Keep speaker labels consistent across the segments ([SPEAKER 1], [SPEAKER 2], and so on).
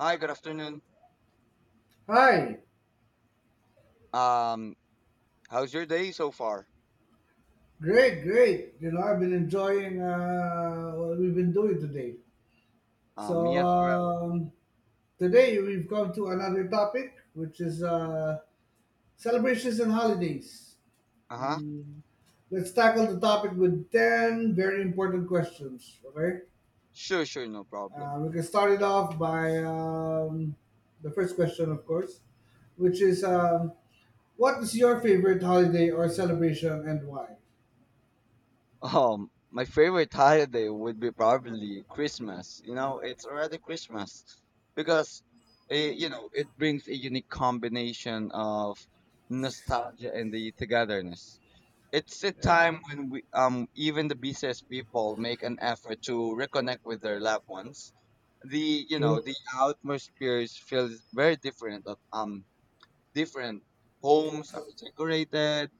[SPEAKER 1] Hi, good afternoon.
[SPEAKER 2] Hi,
[SPEAKER 1] Um, How's your day so far?
[SPEAKER 2] great, great. You know, I've been enjoying what we've been doing today.
[SPEAKER 1] Me
[SPEAKER 2] So
[SPEAKER 1] as well.
[SPEAKER 2] um, Today we've come to another topic, which is celebrations and holidays.
[SPEAKER 1] Uh-huh.
[SPEAKER 2] Mm, let's tackle the topic with ten very important questions. Okay,
[SPEAKER 1] Sure, sure, no problem.
[SPEAKER 2] we can start it off by the first question, of course, which is what is your favorite holiday or celebration and why?
[SPEAKER 1] My favorite holiday would be probably Christmas. You know, it's already Christmas because it it brings a unique combination of nostalgia and the togetherness. It's a
[SPEAKER 2] Yeah,
[SPEAKER 1] time when we, even the busiest people make an effort to reconnect with their loved ones. The you know
[SPEAKER 2] true.
[SPEAKER 1] the atmosphere feels very different. Different homes are decorated.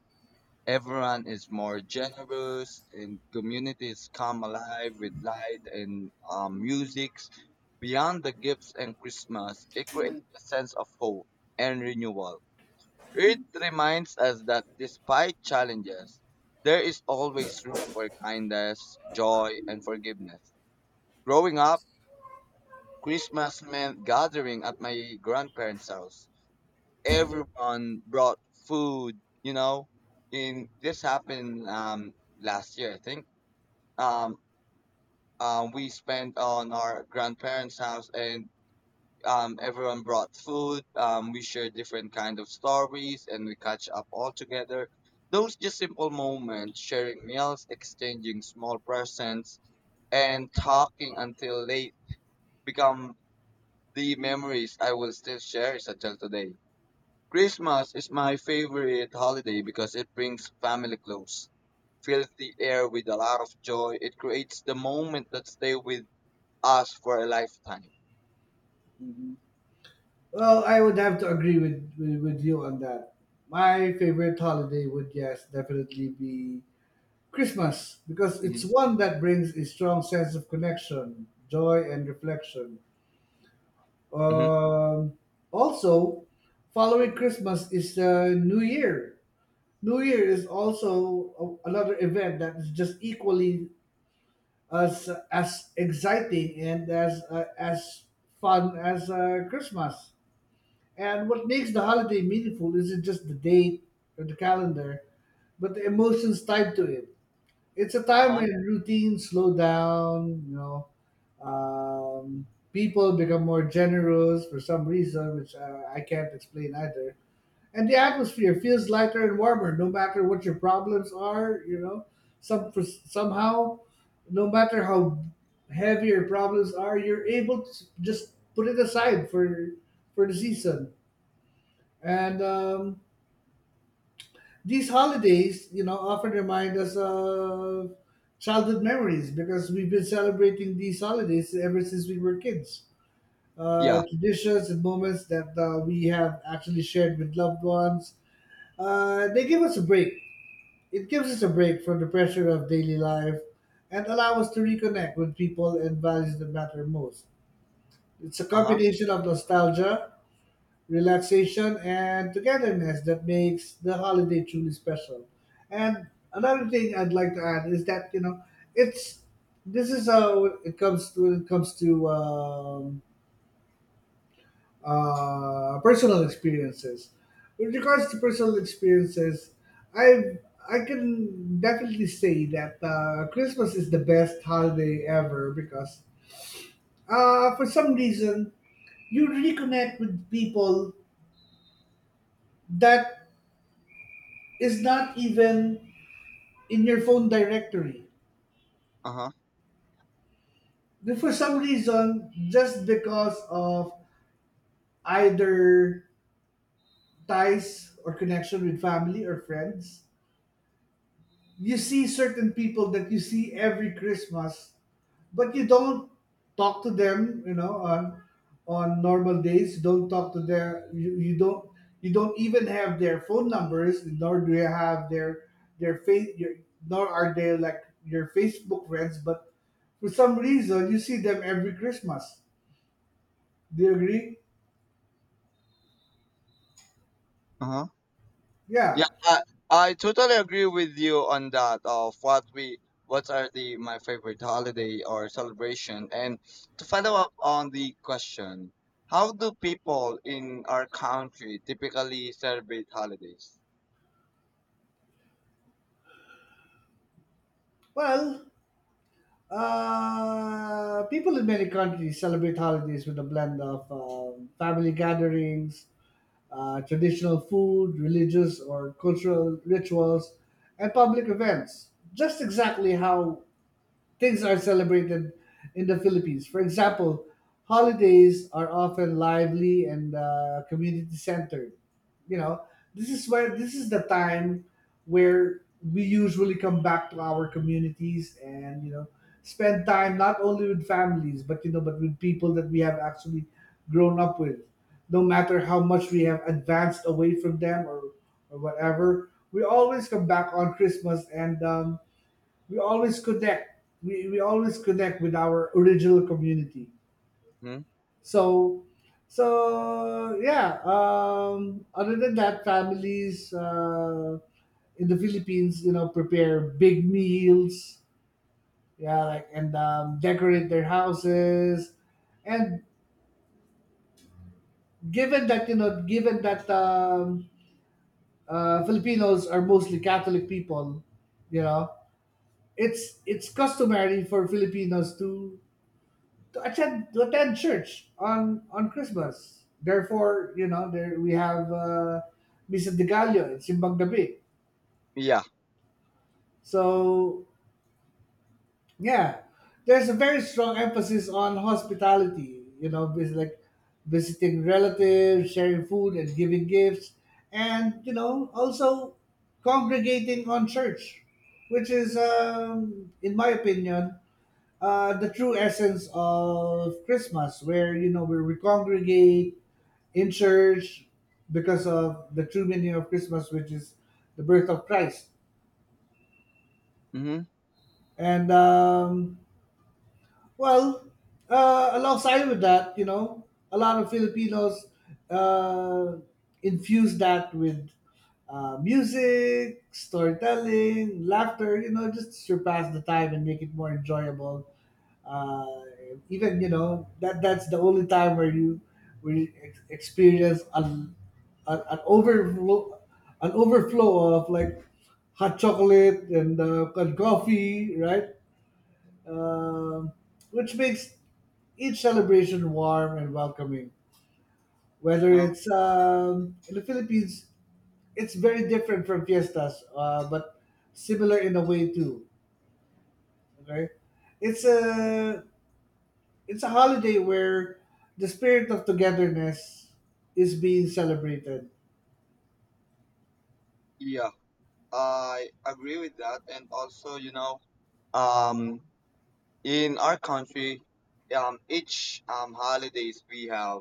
[SPEAKER 1] Everyone is more generous, and communities come alive with light and musics. Beyond the gifts and Christmas, it creates a sense of hope and renewal. It reminds us that despite challenges, there is always room for kindness, joy, and forgiveness. Growing up, Christmas meant gathering at my grandparents' house. Everyone brought food. In this happened last year, I think. Um, we spent on our grandparents' house, and everyone brought food. We shared different kind of stories, and we catch up all together. Those just simple moments, sharing meals, exchanging small presents, and talking until late, become the memories I will still share until today. Christmas is my favorite holiday because it brings family close, fills the air with a lot of joy. It creates the moment that stay with us for a lifetime.
[SPEAKER 2] Well, I would have to agree with, with, you on that. My favorite holiday would, yes, definitely be Christmas because
[SPEAKER 1] Mm-hmm.
[SPEAKER 2] it's one that brings a strong sense of connection, joy, and reflection.
[SPEAKER 1] Mm-hmm.
[SPEAKER 2] Um, also, following Christmas is New Year. New Year is also a, another event that is just equally as exciting and as fun as Christmas. And what makes the holiday meaningful isn't just the date or the calendar, but the emotions tied to it. It's a
[SPEAKER 1] Uh
[SPEAKER 2] time
[SPEAKER 1] huh.
[SPEAKER 2] when routines slow down, you know, um, people become more generous for some reason, which I can't explain either. And the atmosphere feels lighter and warmer, no matter what your problems are, you know, somehow, no matter how heavy your problems are, you're able to just put it aside for the season and these holidays, you know, often remind us of childhood memories because we've been celebrating these holidays ever since we were kids.
[SPEAKER 1] Yeah.
[SPEAKER 2] Traditions and moments that we have actually shared with loved ones. They give us a break. It gives us a break from the pressure of daily life and allow us to reconnect with people and values that matter most. It's a
[SPEAKER 1] Uh huh.
[SPEAKER 2] combination of nostalgia, relaxation, and togetherness that makes the holiday truly special. And another thing I'd like to add is that, you know, it's this is how it comes to when it comes to personal experiences. With regards to personal experiences, I I can definitely say that Christmas is the best holiday ever because for some reason you reconnect with people that is not even in your phone directory.
[SPEAKER 1] Uh huh.
[SPEAKER 2] Then for some reason, just because of either ties or connection with family or friends, you see certain people that you see every Christmas but you don't talk to them, you know, on normal days. You don't talk to their you, you don't even have their phone numbers, nor do you have their their face your, nor are they like your Facebook friends, but for some reason you see them every Christmas. Do you agree?
[SPEAKER 1] Uh-huh. Yeah,
[SPEAKER 2] Yeah.
[SPEAKER 1] I totally agree with you on that of what we what are the my favorite holiday or celebration. And to follow up on the question, how do people in our country typically celebrate holidays?
[SPEAKER 2] Well, people in many countries celebrate holidays with a blend of family gatherings, traditional food, religious or cultural rituals, and public events. Just exactly how things are celebrated in the Philippines. For example, holidays are often lively and community centered. You know, this is the time where we usually come back to our communities and, you know, spend time not only with families but, you know, but with people that we have actually grown up with. No matter how much we have advanced away from them or whatever, we always come back on Christmas, and we always connect, we always connect with our original community.
[SPEAKER 1] Hmm?
[SPEAKER 2] So so yeah, other than that, families in the Philippines, you know, prepare big meals, yeah, like, and decorate their houses, and given that, you know, given that Filipinos are mostly Catholic people, you know, it's customary for Filipinos to attend church on Christmas. Therefore, you know, there we have Misa de Gallo and Simbang Gabi.
[SPEAKER 1] Yeah.
[SPEAKER 2] So yeah, there's a very strong emphasis on hospitality. You know, visiting relatives, sharing food, and giving gifts, and, you know, also congregating on church, which is, in my opinion, the true essence of Christmas, where, you know, where we congregate in church because of the true meaning of Christmas, which is the birth of Christ.
[SPEAKER 1] Mm-hmm.
[SPEAKER 2] And well, alongside with that, you know, a lot of Filipinos uh, infuse that with music, storytelling, laughter. You know, just to surpass the time and make it more enjoyable. Uh, even, you know, that that's the only time where you experience an an overflow, of like hot chocolate and coffee, right? Um, which makes each celebration warm and welcoming. Whether
[SPEAKER 1] Uh,
[SPEAKER 2] it's in the Philippines, it's very different from fiestas, but similar in a way too. Okay, it's a it's a holiday where the spirit of togetherness is being celebrated.
[SPEAKER 1] yeah. I agree with that and also, um In our country, each holidays we have,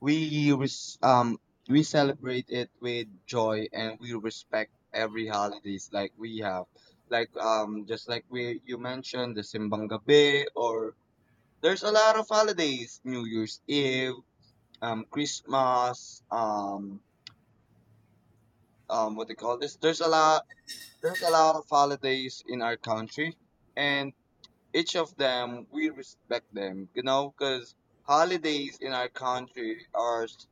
[SPEAKER 1] we res- um, we celebrate it with joy and we respect every holidays like we have, just like we you mentioned the Simbang Gabi or there's a lot of holidays, New Year's Eve, Christmas, what they call this? There's a lot of holidays in our country, and each of them we respect them you know because holidays in our country are s-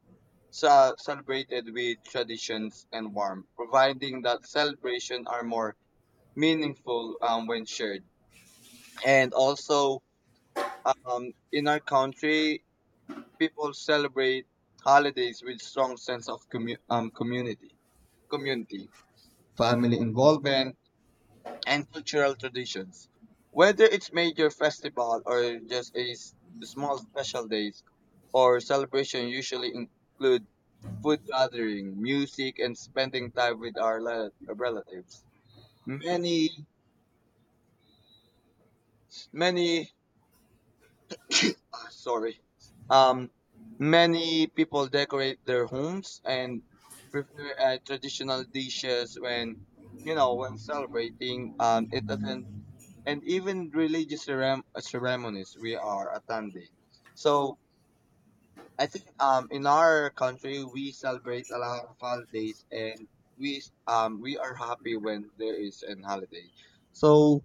[SPEAKER 1] ce- celebrated with traditions and warmth providing that celebration are more meaningful when shared and also in our country people celebrate holidays with strong sense of community family involvement and cultural traditions. Whether it's major festival or just a small special days or celebration usually include food gathering, music and spending time with our relatives. Many many ah, sorry. Um Many people decorate their homes and prepare traditional dishes when you know when celebrating it attends and even religious ceremonies we are attending. So I think in our country we celebrate a lot of holidays and we are happy when there is an holiday. So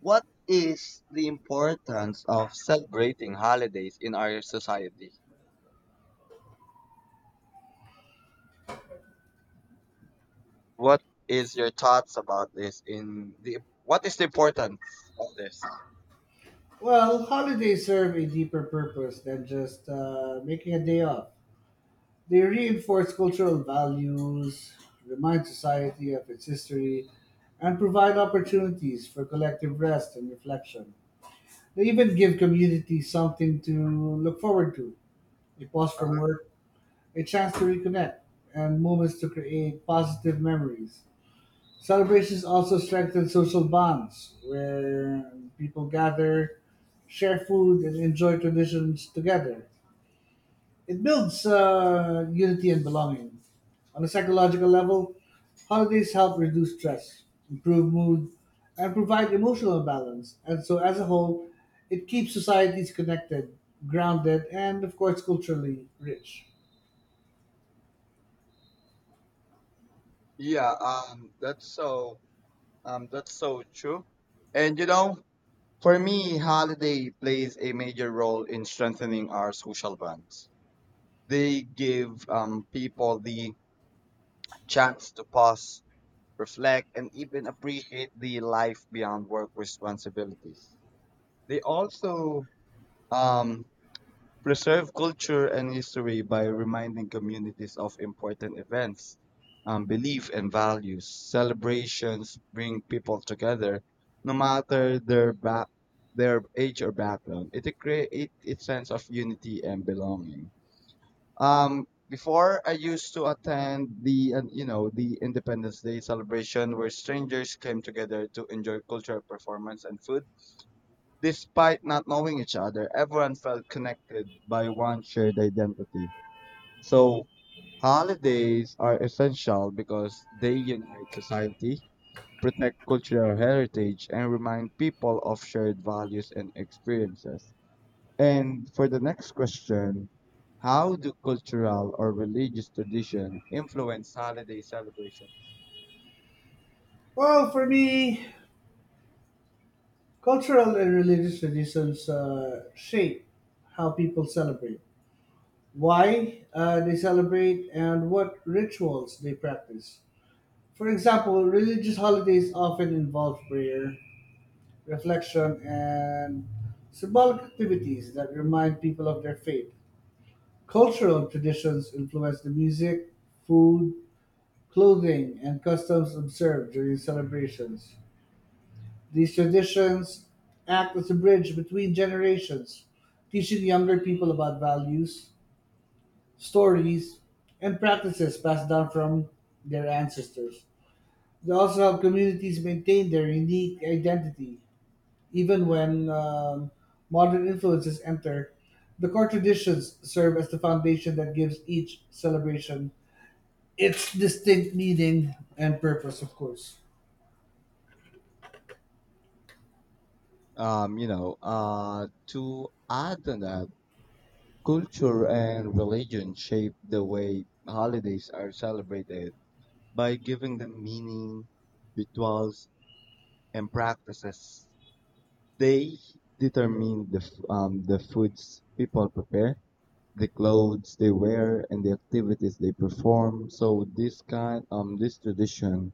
[SPEAKER 1] what is the importance of celebrating holidays in our society? What is your thoughts about this in the what is the importance of this?
[SPEAKER 2] Well, holidays serve a deeper purpose than just making a day off. They reinforce cultural values, remind society of its history, and provide opportunities for collective rest and reflection. They even give communities something to look forward to: a pause from
[SPEAKER 1] Uh-huh.
[SPEAKER 2] work, a chance to reconnect, and moments to create positive memories. Celebrations also strengthen social bonds where people gather, share food, and enjoy traditions together. It builds unity and belonging. On a psychological level, holidays help reduce stress, improve mood, and provide emotional balance. And so, as a whole, it keeps societies connected, grounded, and, of course, culturally rich.
[SPEAKER 1] Yeah, that's so true. And you know, for me, holiday plays a major role in strengthening our social bonds. They give people the chance to pause, reflect, and even appreciate the life beyond work responsibilities. They also um, preserve culture and history by reminding communities of important events, belief and values. Celebrations bring people together, no matter their back, their age or background. It creates a sense of unity and belonging. Before I used to attend the you know the Independence Day celebration where strangers came together to enjoy cultural performance and food. Despite not knowing each other, everyone felt connected by one shared identity. So, holidays are essential because they unite society, protect cultural heritage, and remind people of shared values and experiences. And for the next question, how do cultural or religious tradition influence holiday celebrations?
[SPEAKER 2] Well, for me, cultural and religious traditions shape how people celebrate, why they celebrate, and what rituals they practice. For example, religious holidays often involve prayer, reflection, and symbolic activities that remind people of their faith. Cultural traditions influence the music, food, clothing, and customs observed during celebrations. These traditions act as a bridge between generations, teaching younger people about values, stories, and practices passed down from their ancestors. They also help communities maintain their unique identity, even when modern influences enter. The core traditions serve as the foundation that gives each celebration its distinct meaning and purpose, of course.
[SPEAKER 1] You know, to add on that, culture and religion shape the way holidays are celebrated by giving them meaning, rituals, and practices. They determine the, the foods people prepare, the clothes they wear, and the activities they perform. So this kind, this tradition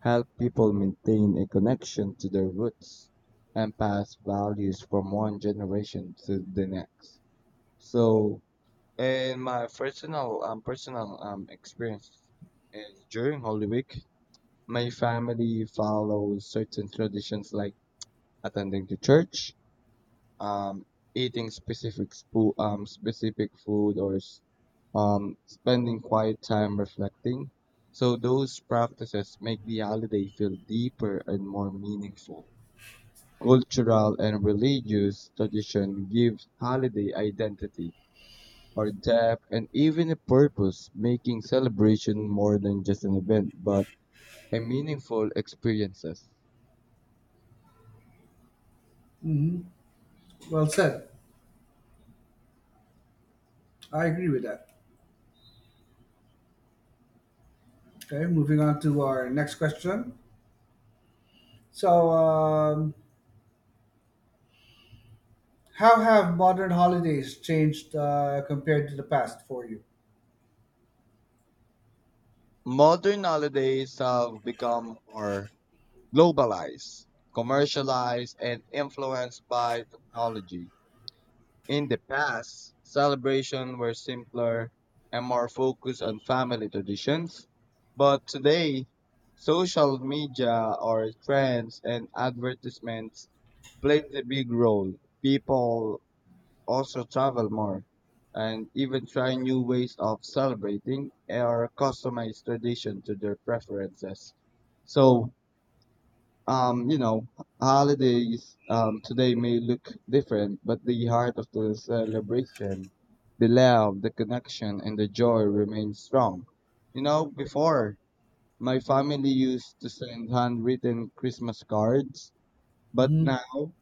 [SPEAKER 1] help people maintain a connection to their roots and pass values from one generation to the next. So in my personal experience is during Holy Week, my family follows certain traditions like attending to church, um, eating specific specific food, or spending quiet time reflecting. So those practices make the holiday feel deeper and more meaningful. Cultural and religious tradition gives holiday identity or depth, and even a purpose, making celebration more than just an event, but a meaningful experiences.
[SPEAKER 2] Well said. I agree with that. Okay, moving on to our next question. So, how have modern holidays changed compared to the past for you?
[SPEAKER 1] Modern holidays have become more globalized, commercialized, and influenced by technology. In the past, celebrations were simpler and more focused on family traditions, but today, social media or trends and advertisements played a big role. People also travel more and even try new ways of celebrating or customize tradition to their preferences. So, you know, holidays today may look different, but the heart of the celebration, the love, the connection, and the joy remains strong. You know, before my family used to send handwritten Christmas cards, but now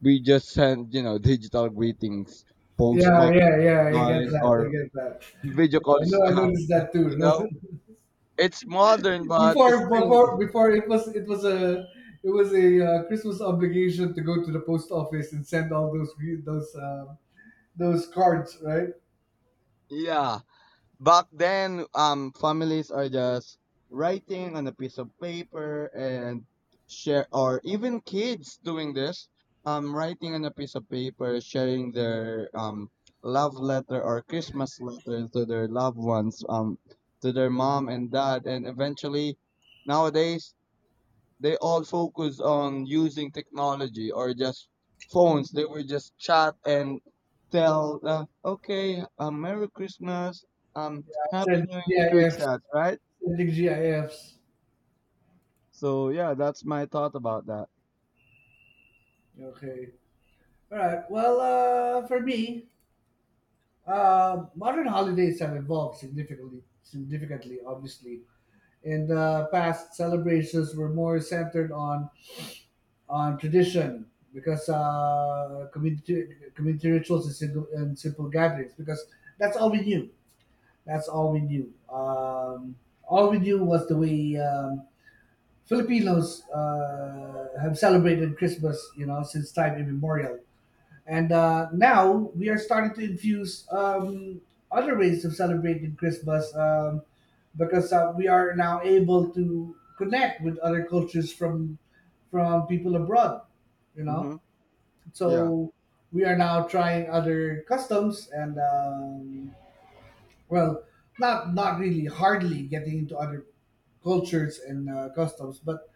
[SPEAKER 1] we just send, you know, digital greetings,
[SPEAKER 2] Yeah,
[SPEAKER 1] postponed
[SPEAKER 2] yeah, yeah. I get
[SPEAKER 1] line
[SPEAKER 2] that. I
[SPEAKER 1] or
[SPEAKER 2] get that.
[SPEAKER 1] video
[SPEAKER 2] Yeah, I
[SPEAKER 1] calls.
[SPEAKER 2] know. I noticed that too.
[SPEAKER 1] You
[SPEAKER 2] No,
[SPEAKER 1] know, it's modern, but it's
[SPEAKER 2] before,
[SPEAKER 1] still,
[SPEAKER 2] it was, it was a Christmas obligation to go to the post office and send all those those cards, right?
[SPEAKER 1] yeah. Back then, families are just writing on a piece of paper and share, or even kids doing this, writing on a piece of paper, sharing their love letter or Christmas letter to their loved ones, to their mom and dad, and eventually. Nowadays, they all focus on using technology or just phones. They were just chat and tell, okay, Merry Christmas,
[SPEAKER 2] Yeah,
[SPEAKER 1] Happy
[SPEAKER 2] send
[SPEAKER 1] New Year through
[SPEAKER 2] GIFs,
[SPEAKER 1] chat, right?
[SPEAKER 2] sending GIFs.
[SPEAKER 1] So yeah, that's my thought about that.
[SPEAKER 2] Okay. All right. Well, for me, modern holidays have evolved significantly, significantly, obviously. In the past, celebrations were more centered on tradition because community rituals and simple, gatherings, because that's all we knew. That's all we knew. All we knew was the way Filipinos have celebrated Christmas, you know, since time immemorial. And now we are starting to infuse other ways of celebrating Christmas, because we are now able to connect with other cultures from people abroad. You know,
[SPEAKER 1] Mm-hmm. Yeah,
[SPEAKER 2] so we are now trying other customs and well, not really hardly getting into other cultures and customs, but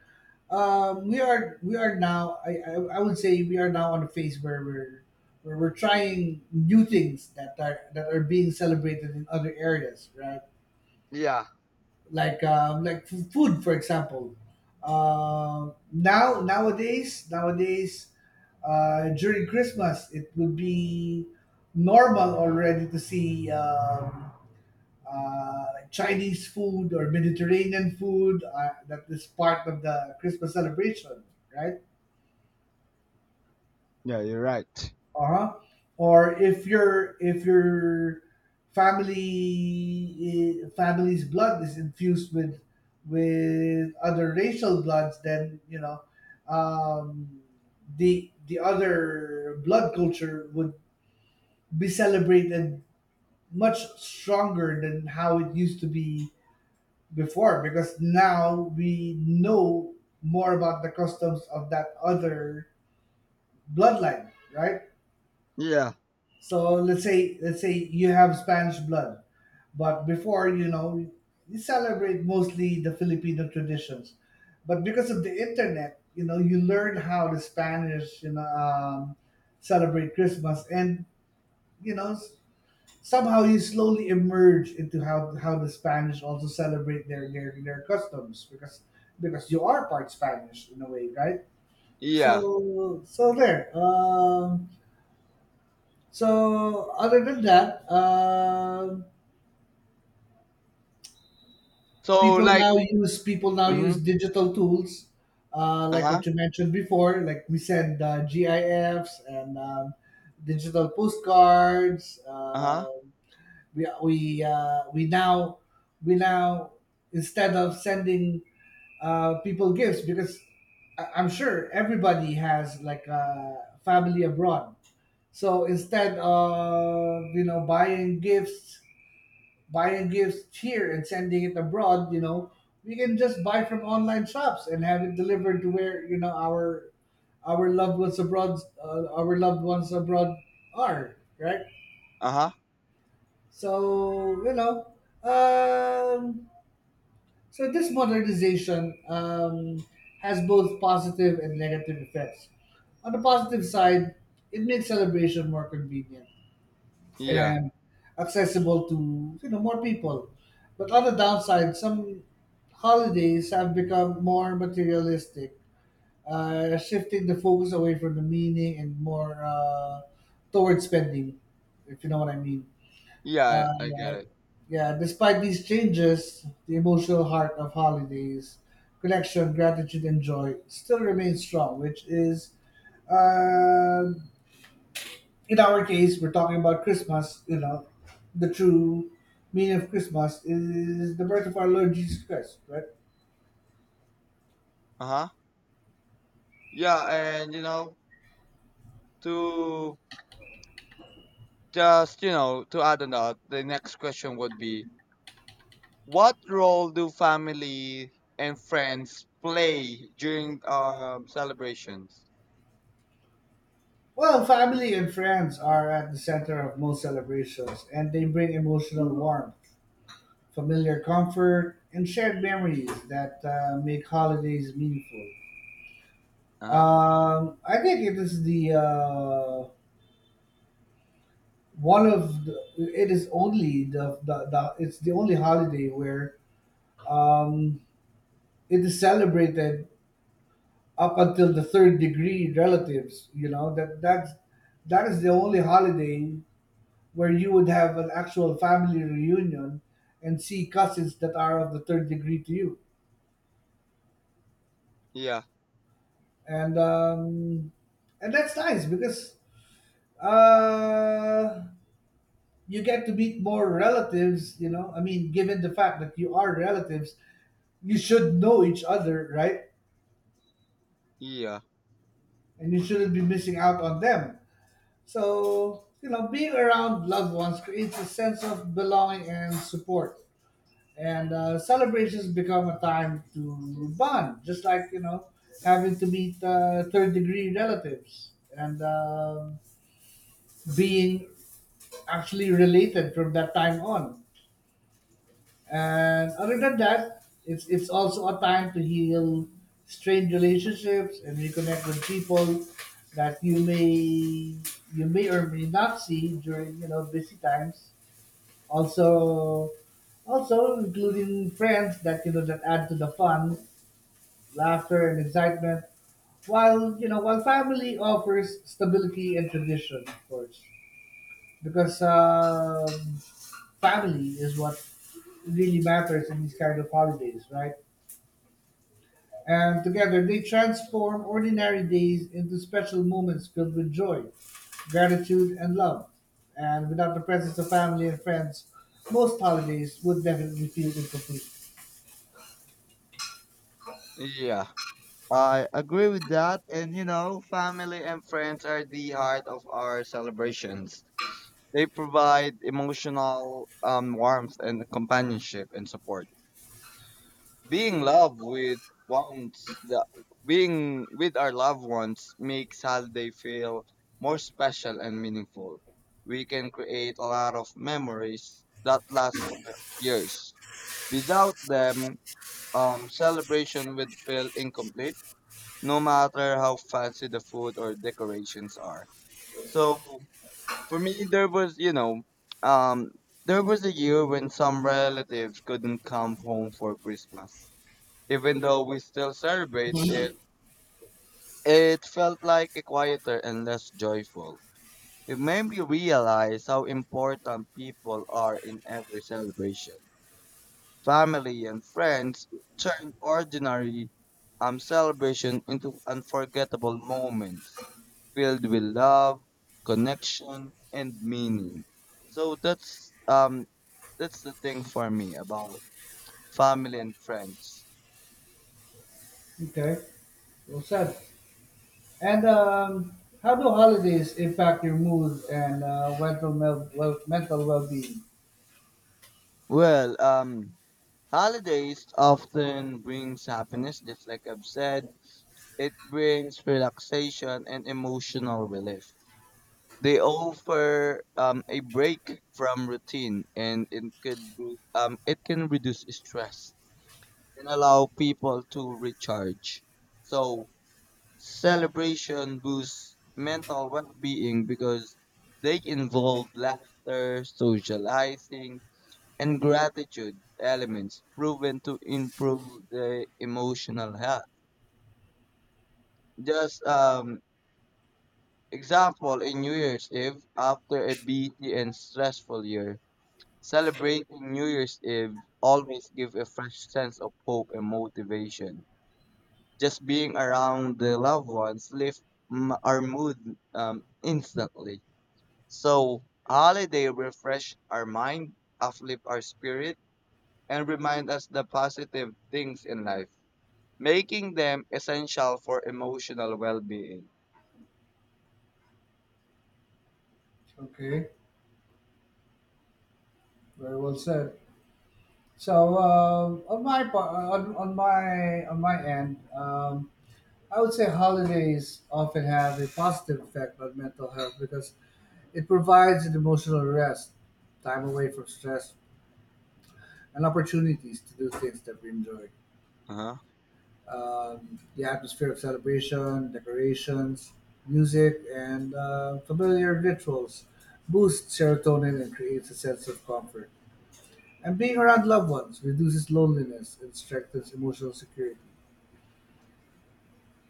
[SPEAKER 2] we are now, I would say we are now on a phase where we're trying new things that are being celebrated in other areas, right?
[SPEAKER 1] yeah.
[SPEAKER 2] Like food, for example. Nowadays, during Christmas, it would be normal already to see uh, Chinese food or Mediterranean food that is part of the Christmas celebration, right?
[SPEAKER 1] Yeah, you're right.
[SPEAKER 2] Uh-huh. Or if your family, family's blood is infused with other racial bloods, then, you know, um, the other blood culture would be celebrated much stronger than how it used to be before, because now we know more about the customs of that other bloodline, right?
[SPEAKER 1] Yeah,
[SPEAKER 2] So let's say, you have Spanish blood, but before, you know, you celebrate mostly the Filipino traditions. But because of the internet, you know, you learn how the Spanish, you know, celebrate Christmas, and, you know, somehow you slowly emerge into how the Spanish also celebrate their customs, because you are part Spanish in a way, right?
[SPEAKER 1] yeah.
[SPEAKER 2] So so there. So other than that,
[SPEAKER 1] So
[SPEAKER 2] people
[SPEAKER 1] like,
[SPEAKER 2] now use
[SPEAKER 1] mm-hmm.
[SPEAKER 2] digital tools,
[SPEAKER 1] Uh
[SPEAKER 2] like
[SPEAKER 1] huh,
[SPEAKER 2] what you mentioned before. Like we send GIFs and digital postcards.
[SPEAKER 1] uh huh,
[SPEAKER 2] We now we now instead of sending people gifts, because I'm sure everybody has like a family abroad. So instead of, you know, buying gifts, here and sending it abroad, you know, we can just buy from online shops and have it delivered to where, you know, our loved ones abroad, are, right.
[SPEAKER 1] uh huh.
[SPEAKER 2] So, you know, um, so this modernization has both positive and negative effects. On the positive side, it makes celebration more convenient
[SPEAKER 1] Yeah,
[SPEAKER 2] and accessible to, you know, more people. But on the downside, some holidays have become more materialistic, shifting the focus away from the meaning and more towards spending, if you know what I mean.
[SPEAKER 1] yeah,
[SPEAKER 2] Uh,
[SPEAKER 1] I get it.
[SPEAKER 2] yeah, despite these changes, the emotional heart of holidays, connection, gratitude, and joy still remains strong, which is uh, in our case, we're talking about Christmas. You know, the true meaning of Christmas is the birth of our Lord Jesus Christ, right?
[SPEAKER 1] Uh huh. Yeah, and you know to just you know to add on that, the next question would be what role do family and friends play during celebrations?
[SPEAKER 2] Well, family and friends are at the center of most celebrations, and they bring emotional warmth, familiar comfort, and shared memories that make holidays meaningful.
[SPEAKER 1] Uh-huh.
[SPEAKER 2] I think it is the one of the, it is only the it's the only holiday where um, it is celebrated up until the third degree relatives, you know. That is the only holiday where you would have an actual family reunion and see cousins that are of the third degree to you,
[SPEAKER 1] Yeah,
[SPEAKER 2] and that's nice because uh you get to meet more relatives, you know. I mean, given the fact that you are relatives, you should know each other, right?
[SPEAKER 1] yeah,
[SPEAKER 2] And you shouldn't be missing out on them. So, you know, being around loved ones creates a sense of belonging and support. And celebrations become a time to bond, just like, you know, having to meet third degree relatives and being actually related from that time on. And other than that, it's also a time to heal strained relationships and reconnect with people that you may or may not see during, you know, busy times. Also, also including friends that, you know, that add to the fun, laughter, and excitement. While, you know, while family offers stability and tradition, of course because family is what really matters in these kind of holidays, right? And together they transform ordinary days into special moments filled with joy, gratitude, and love. And without the presence of family and friends, most holidays would definitely feel incomplete.
[SPEAKER 1] yeah. I agree with that. And you know, family and friends are the heart of our celebrations. They provide emotional warmth and companionship and support. Being loved with ones the Being with our loved ones makes holiday feel more special and meaningful. We can create a lot of memories that last for years. Without them, celebration would feel incomplete, no matter how fancy the food or decorations are. So for me, there was, you know, um, there was a year when some relatives couldn't come home for Christmas. Even though we still celebrate it, it felt like a quieter and less joyful. It made me realize how important people are in every celebration. Family and friends turn ordinary celebration into unforgettable moments filled with love, connection, and meaning. So that's the thing for me about family and friends.
[SPEAKER 2] Okay, well said. And how do holidays impact your mood and mental, mental well-being?
[SPEAKER 1] Well, holidays often brings happiness, just like I've said. It brings relaxation and emotional relief. They offer a break from routine, and it could it can reduce stress and allow people to recharge. So celebration boosts mental well-being because they involve laughter, socializing, and gratitude elements proven to improve the emotional health. Just example in New Year's Eve after a busy and stressful year, celebrating New Year's Eve always give a fresh sense of hope and motivation. Just being around the loved ones lift our mood instantly. So holiday refresh our mind, uplift our spirit, and remind us the positive things in life, making them essential for emotional well-being.
[SPEAKER 2] Okay, very well said. So on my par- on my end, I would say holidays often have a positive effect on mental health because it provides an emotional rest, time away from stress, and opportunities to do things that we enjoy.
[SPEAKER 1] Uh-huh.
[SPEAKER 2] The atmosphere of celebration, decorations, music, and familiar rituals boosts serotonin and creates a sense of comfort. And being around loved ones reduces loneliness and strengthens emotional security.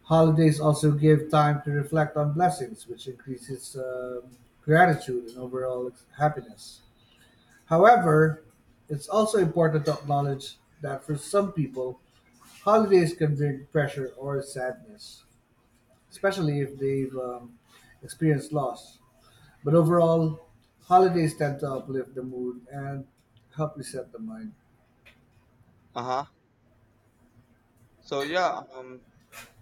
[SPEAKER 2] Holidays also give time to reflect on blessings, which increases gratitude and overall happiness. However, it's also important to acknowledge that for some people, holidays can bring pressure or sadness, especially if they've experienced loss. But overall, holidays tend to uplift the mood and help reset the mind.
[SPEAKER 1] Uh-huh. So yeah,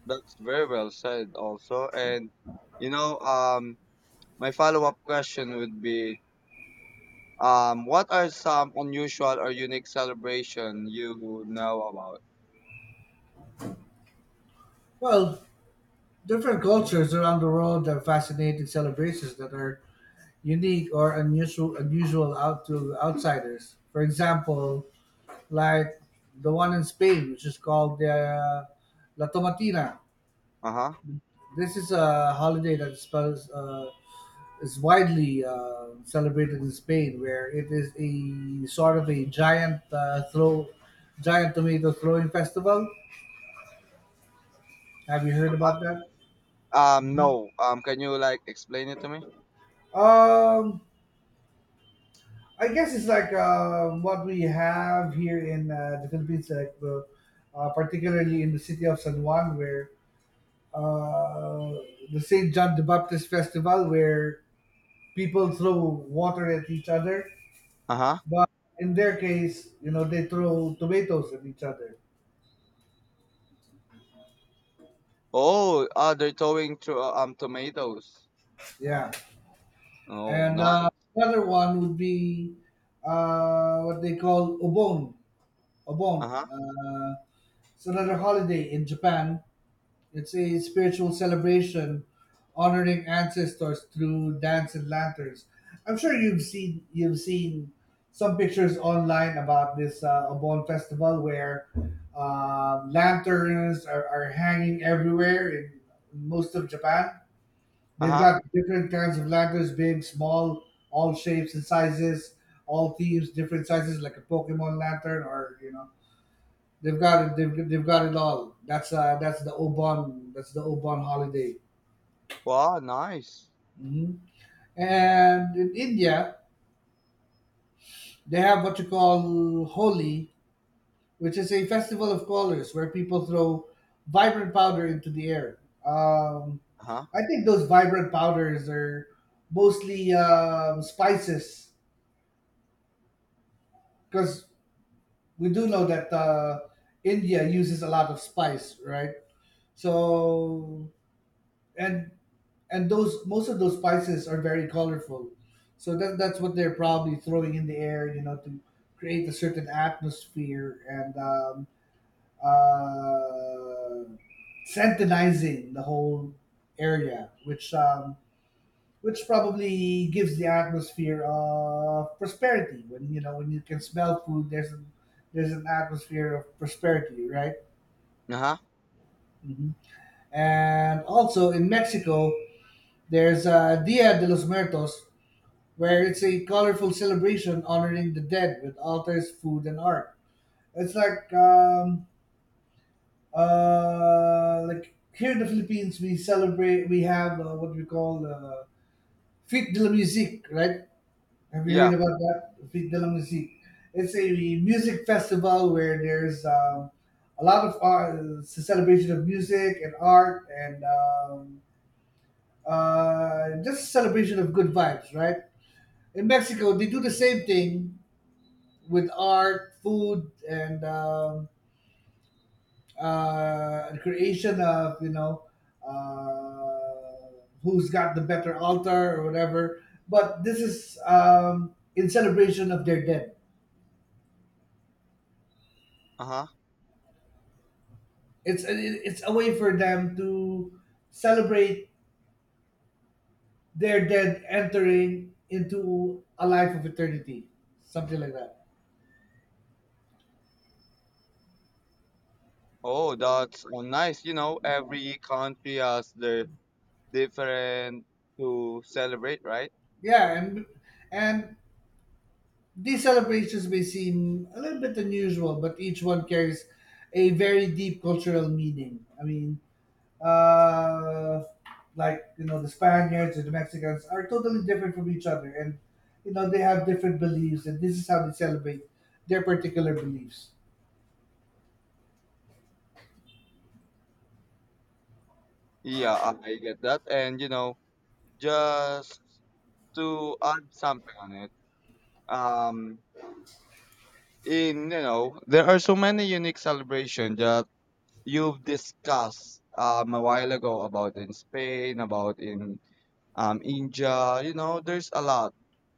[SPEAKER 1] that's very well said also. And you know, my follow-up question would be what are some unusual or unique celebration you know about?
[SPEAKER 2] Well, different cultures around the world have fascinating celebrations that are unique or unusual out to outsiders. For example, like the one in Spain, which is called the La Tomatina.
[SPEAKER 1] Uh-huh.
[SPEAKER 2] This is a holiday that uh, is widely celebrated in Spain, where it is a sort of a giant tomato throwing festival. Have you heard about that?
[SPEAKER 1] No. Can you like explain it to me?
[SPEAKER 2] Um, I guess it's like what we have here in the Philippines, like particularly in the city of San Juan, where uh, the Saint John the Baptist Festival, where people throw water at each other,
[SPEAKER 1] Uh-huh.
[SPEAKER 2] but in their case, you know, they throw tomatoes at each other.
[SPEAKER 1] Oh, they're throwing to tomatoes.
[SPEAKER 2] Yeah,
[SPEAKER 1] Oh,
[SPEAKER 2] and
[SPEAKER 1] nice.
[SPEAKER 2] another one would be what they call obon. Obon.
[SPEAKER 1] Uh-huh.
[SPEAKER 2] It's another holiday in Japan. It's a spiritual celebration honoring ancestors through dance and lanterns. I'm sure you've seen some pictures online about this Obon festival where are hanging everywhere in most of Japan. They've
[SPEAKER 1] Uh-huh.
[SPEAKER 2] got different kinds of lanterns, big, small, all shapes and sizes, all themes, different sizes, like a Pokemon lantern, or, you know, they've got it. They've got it all. That's the Obon. That's the Obon holiday.
[SPEAKER 1] Wow, nice.
[SPEAKER 2] hmm And in India, they have what you call Holi, which is a festival of colors where people throw vibrant powder into the air. Um,
[SPEAKER 1] Uh-huh.
[SPEAKER 2] I think those vibrant powders are mostly spices because we do know that India uses a lot of spice, right? So and and those, most of those spices are very colorful, so that, that's what they're probably throwing in the air, you know, to create a certain atmosphere and uh, sanitizing the whole area, which probably gives the atmosphere of prosperity when, you know, when you can smell food, there's an atmosphere of prosperity, right?
[SPEAKER 1] Uh-huh.
[SPEAKER 2] hmm and also in Mexico there's Dia de los Muertos, where it's a colorful celebration honoring the dead with altars, food, and art. It's like here in the Philippines, we celebrate. We have what we call Fête de la Musique, right? Have you
[SPEAKER 1] Yeah.
[SPEAKER 2] heard about that? Fête de la Musique. It's a music festival where there's a lot of art, it's a celebration of music and art, and just celebration of good vibes, right? In Mexico, they do the same thing with art, food, and the creation of, you know, who's got the better altar or whatever. But this is in celebration of their dead.
[SPEAKER 1] Uh-huh.
[SPEAKER 2] It's a way for them to celebrate their dead entering into a life of eternity, something like that.
[SPEAKER 1] Oh, that's nice. You know,
[SPEAKER 2] Yeah,
[SPEAKER 1] every country has their different to celebrate, right?
[SPEAKER 2] yeah, and these celebrations may seem a little bit unusual, but each one carries a very deep cultural meaning. I mean, uh, like, you know, the Spaniards and the Mexicans are totally different from each other, and you know they have different beliefs, and this is how they celebrate their particular beliefs.
[SPEAKER 1] Yeah, I get that. And you know, just to add something on it, um, in you know, there are so many unique celebrations that you've discussed a while ago about in Spain, about in India, you know, there's a lot.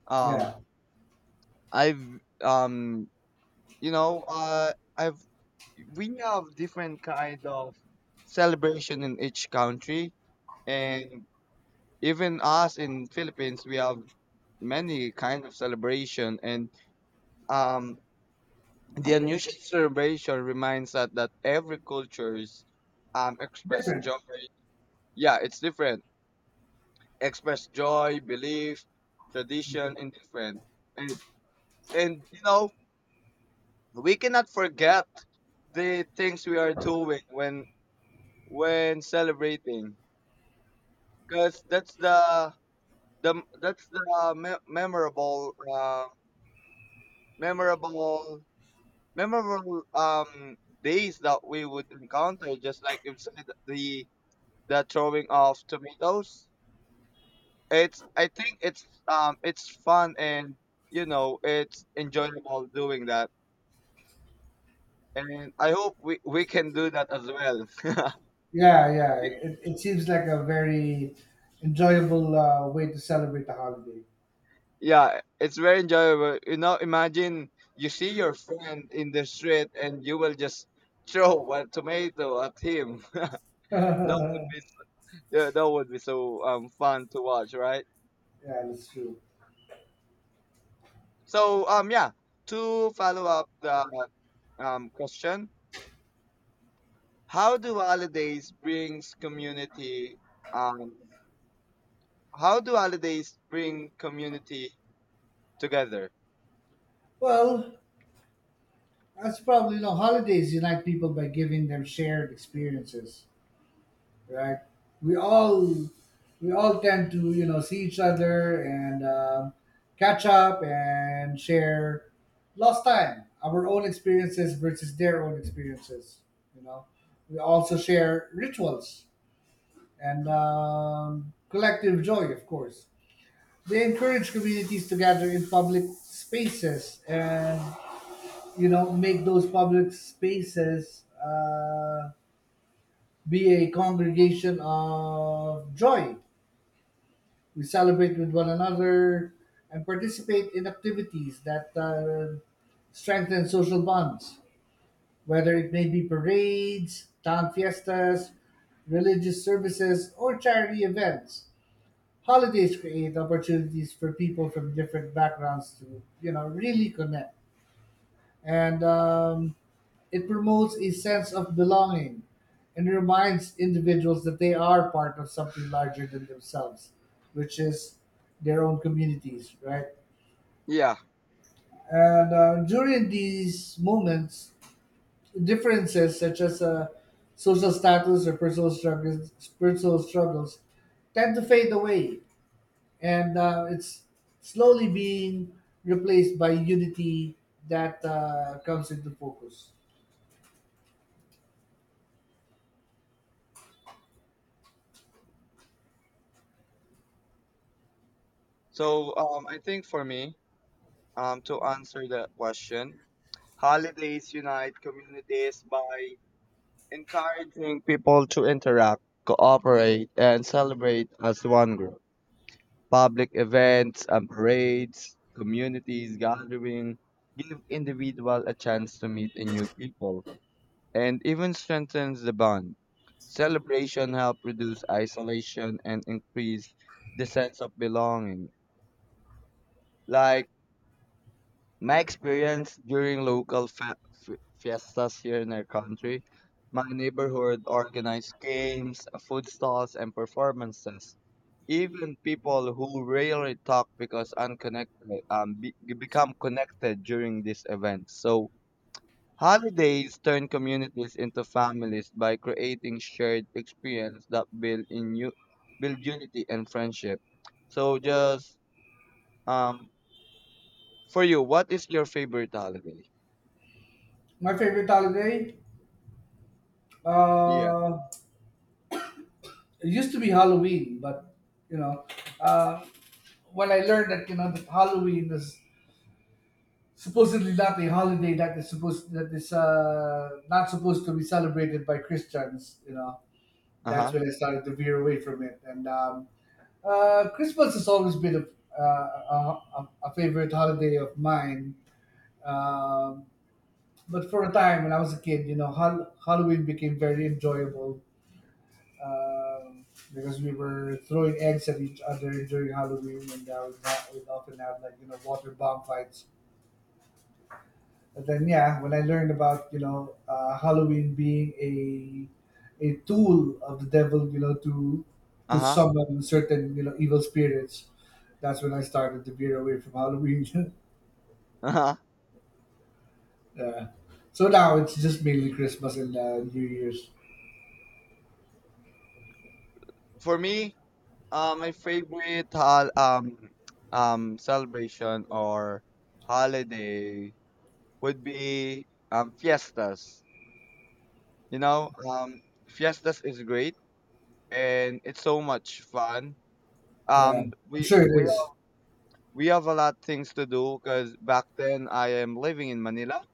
[SPEAKER 1] Um,
[SPEAKER 2] Yeah,
[SPEAKER 1] I've um, you know, uh, I've we have different kind of celebration in each country and even us in Philippines we have many kind of celebration and um the unusual celebration reminds us that every cultures express
[SPEAKER 2] different.
[SPEAKER 1] joy. Yeah, it's different. Express joy, belief, tradition and different. And and you know we cannot forget the things we are doing when celebrating because that's the memorable, memorable memorable days that we would encounter, just like you said, the throwing of tomatoes. It's i think it's um it's fun and, you know, it's enjoyable doing that. And I hope we can do that as well.
[SPEAKER 2] Yeah, yeah. It seems like a very enjoyable way to celebrate the holiday.
[SPEAKER 1] Yeah, it's very enjoyable. You know, imagine you see your friend in the street and you will just throw a tomato at him. That would
[SPEAKER 2] Yeah,
[SPEAKER 1] be so, yeah, that would be so fun to watch, right?
[SPEAKER 2] that's true.
[SPEAKER 1] So, to follow up the question, how do holidays brings community um how do holidays bring community together?
[SPEAKER 2] Well, that's probably, you know, holidays unite people by giving them shared experiences, right? We all we all tend to, you know, see each other and catch up and share lost time, our own experiences versus their own experiences. You know, we also share rituals and collective joy, of course. They encourage communities to gather in public spaces and, you know, make those public spaces be a congregation of joy. We celebrate with one another and participate in activities that strengthen social bonds, whether it may be parades, town fiestas, religious services, or charity events. Holidays create opportunities for people from different backgrounds to, you know, really connect and it promotes a sense of belonging and reminds individuals that they are part of something larger than themselves, which is their own communities, right?
[SPEAKER 1] Yeah.
[SPEAKER 2] And during these moments, differences such as social status or personal struggles, personal struggles tend to fade away, and it's slowly being replaced by unity that comes into focus.
[SPEAKER 1] So, I think for me, to answer that question, holidays unite communities by encouraging people to interact, cooperate, and celebrate as one group. Public events and parades, communities gathering, give individual a chance to meet a new people and even strengthens the bond. Celebration help reduce isolation and increase the sense of belonging. Like my experience during local fiestas here in our country, my neighborhood organized games, food stalls, and performances. Even people who rarely talk because unconnected, become connected during these events. So holidays turn communities into families by creating shared experience that build unity and friendship. So just um for you, what is your favorite holiday?
[SPEAKER 2] My favorite holiday,
[SPEAKER 1] Yeah.
[SPEAKER 2] uh, it used to be Halloween, but, you know, uh, when I learned that, you know, that Halloween is supposedly not a holiday that is not supposed to be celebrated by Christians, you know,
[SPEAKER 1] Uh
[SPEAKER 2] that's
[SPEAKER 1] huh.
[SPEAKER 2] when I started to veer away from it. And Christmas has always been a favorite holiday of mine. Um, but for a time when I was a kid, you know, Halloween became very enjoyable um, because we were throwing eggs at each other during Halloween, and we'd often have like, you know, water bomb fights. But then, yeah, when I learned about, you know, Halloween being a tool of the devil, you know,
[SPEAKER 1] Uh
[SPEAKER 2] to
[SPEAKER 1] huh.
[SPEAKER 2] summon certain, you know, evil spirits, that's when I started to veer away from Halloween.
[SPEAKER 1] Uh huh.
[SPEAKER 2] Yeah. So now it's just mainly Christmas and New Year's.
[SPEAKER 1] For me, my favorite hol- celebration or holiday would be fiestas. You know, fiestas is great and it's so much fun.
[SPEAKER 2] Yeah, I'm sure it
[SPEAKER 1] We all
[SPEAKER 2] is.
[SPEAKER 1] we have a lot things to do because back then I am living in Manila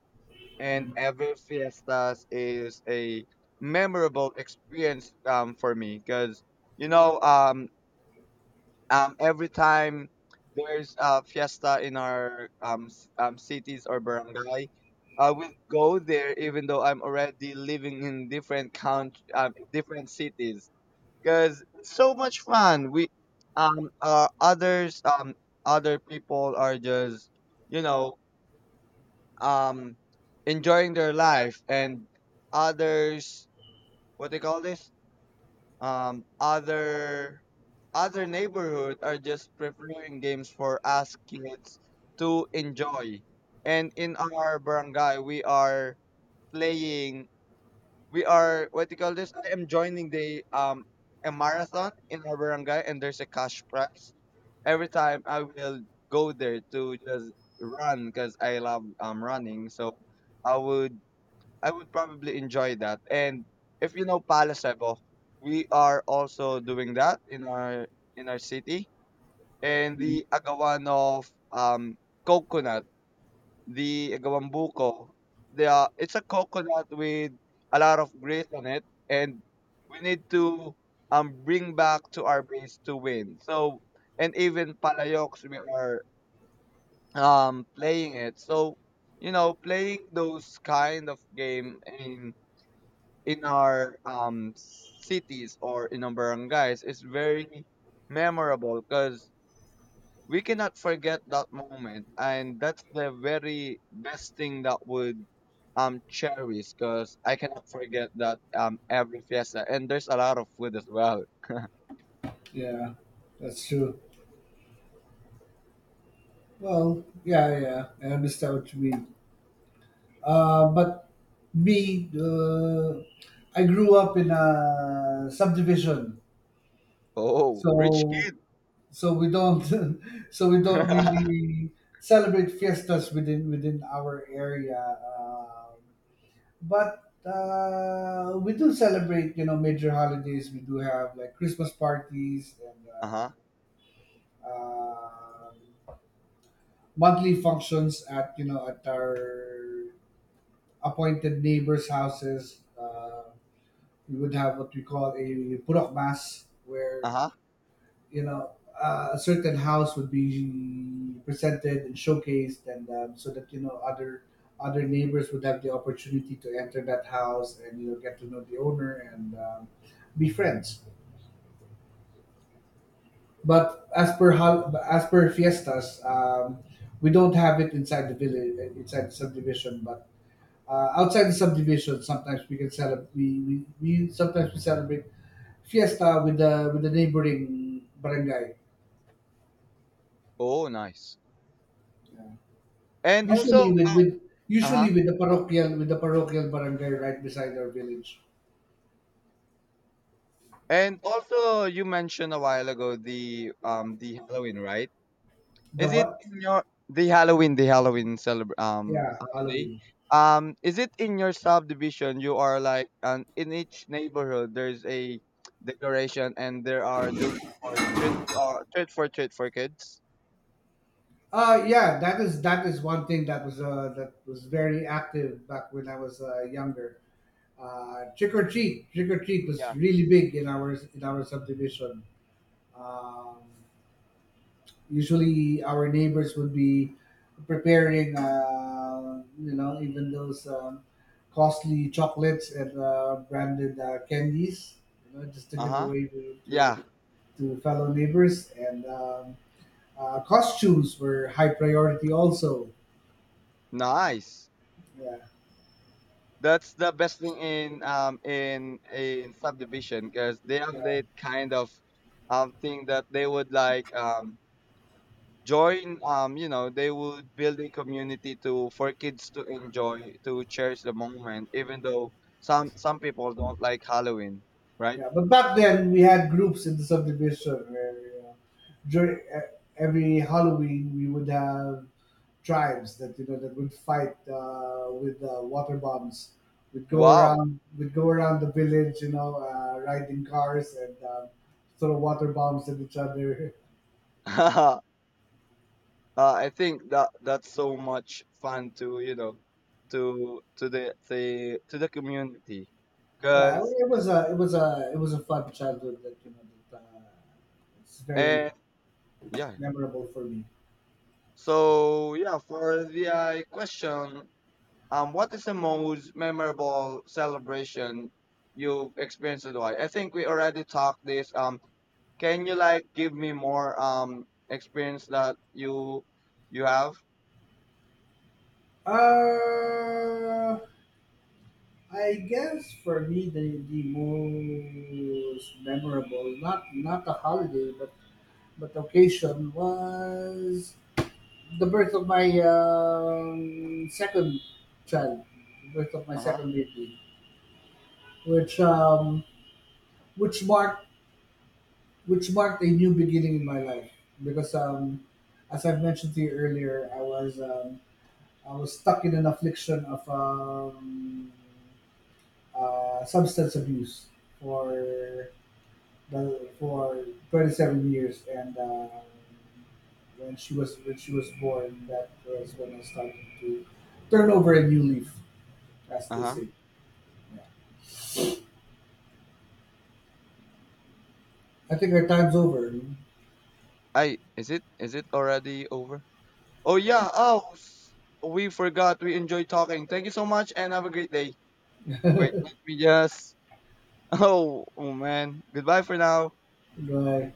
[SPEAKER 1] and every fiestas is a memorable experience for me because you know, every time there's a fiesta in our cities or barangay, I will go there even though I'm already living in different cities because so much fun. We others Other people are just, you know, um enjoying their life, and others, what they call this, um other other neighborhood are just preferring games for us kids to enjoy. And in our barangay we are playing, we are, what do you call this, I am joining the a marathon in our barangay, and there's a cash prize. Every time I will go there to just run because I love running. So I would, I would probably enjoy that. And if you know Palacevo, we are also doing that in our, in our city. And
[SPEAKER 2] Mhm.
[SPEAKER 1] the agawan of coconut, the agawan buko, they are, it's a coconut with a lot of grease on it, and we need to bring back to our base to win. So, and even palayoks we are playing it. So, you know, playing those kind of game in our cities or in our barangays is very memorable because we cannot forget that moment, and that's the very best thing that would cherish because I cannot forget that, every fiesta, and there's a lot of food as well.
[SPEAKER 2] Yeah, that's true. Well, yeah, yeah, I understand what you mean. But me, I grew up in a subdivision,
[SPEAKER 1] Oh, rich
[SPEAKER 2] so
[SPEAKER 1] kid.
[SPEAKER 2] we don't so we don't
[SPEAKER 1] Uh-huh.
[SPEAKER 2] really celebrate fiestas within our area. But we do celebrate, you know, major holidays. We do have like Christmas parties and uh, um monthly functions at, you know, at our appointed neighbors' houses. We would have what we call a purok mas, where,
[SPEAKER 1] Uh-huh.
[SPEAKER 2] you know, a certain house would be presented and showcased, and so that, you know, other neighbors would have the opportunity to enter that house and, you know, get to know the owner and be friends. But as per fiestas, we don't have it inside the village, inside the subdivision, but outside the subdivision sometimes we can celebrate we sometimes we celebrate fiesta with the neighboring barangay.
[SPEAKER 1] Oh, nice.
[SPEAKER 2] Yeah,
[SPEAKER 1] And also
[SPEAKER 2] usually
[SPEAKER 1] uh-huh.
[SPEAKER 2] with the parochial barangay right beside our village.
[SPEAKER 1] And also you mentioned a while ago the Halloween, right?
[SPEAKER 2] The
[SPEAKER 1] Is it
[SPEAKER 2] what?
[SPEAKER 1] in your the Halloween celebr
[SPEAKER 2] Yeah,
[SPEAKER 1] holiday?
[SPEAKER 2] Halloween.
[SPEAKER 1] Is it in your subdivision? You are like in each neighborhood, there's a decoration, and there are doing for treat, treat for kids.
[SPEAKER 2] Yeah that is that is one thing that was very active back when I was younger. Trick or treat was
[SPEAKER 1] Yeah.
[SPEAKER 2] really big in our subdivision. Um, usually our neighbors would be preparing, you know, even those costly chocolates and branded candies, you know, just to
[SPEAKER 1] Uh
[SPEAKER 2] give
[SPEAKER 1] huh.
[SPEAKER 2] away
[SPEAKER 1] Yeah.
[SPEAKER 2] to fellow neighbors. And costumes were high priority also.
[SPEAKER 1] Nice.
[SPEAKER 2] Yeah,
[SPEAKER 1] That's the best thing in in subdivision because they have
[SPEAKER 2] yeah,
[SPEAKER 1] that kind of thing that they would like join, you know, they would build a community to, for kids to enjoy, to cherish the moment, even though some people don't like Halloween, right?
[SPEAKER 2] yeah. But back then, we had groups in the subdivision where. Uh, during Every Halloween we would have tribes that, you know, that would fight with water bombs.
[SPEAKER 1] Wow.
[SPEAKER 2] Would go around the village, you know, riding cars and throw water bombs at each other.
[SPEAKER 1] uh, I think that that's so much fun, to you know, to the to the community
[SPEAKER 2] Yeah, I mean,
[SPEAKER 1] because,
[SPEAKER 2] it was a fun childhood that, you know, that it's very
[SPEAKER 1] and, yeah.
[SPEAKER 2] memorable for me.
[SPEAKER 1] So yeah, for the question, um, what is the most memorable celebration you've experienced, and why? I think we already talked this. Can you like give me more experience that you have?
[SPEAKER 2] Uh, I guess for me the most memorable, not not a holiday, but occasion was the birth of my second child, the birth of my
[SPEAKER 1] Uh huh.
[SPEAKER 2] second baby, which which marked which marked a new beginning in my life because as I've mentioned to you earlier, I was stuck in an affliction of substance abuse for 27 years, and when she was born, that was when I started to turn over a new leaf, as
[SPEAKER 1] Uh
[SPEAKER 2] they
[SPEAKER 1] huh.
[SPEAKER 2] say. Yeah. I think our time's over.
[SPEAKER 1] I Is it, is it already over? Oh yeah. Oh, s- we forgot. We enjoy talking. Thank you so much and have a great day. Wait, let me just. Oh, oh man. Goodbye for now.
[SPEAKER 2] Goodbye.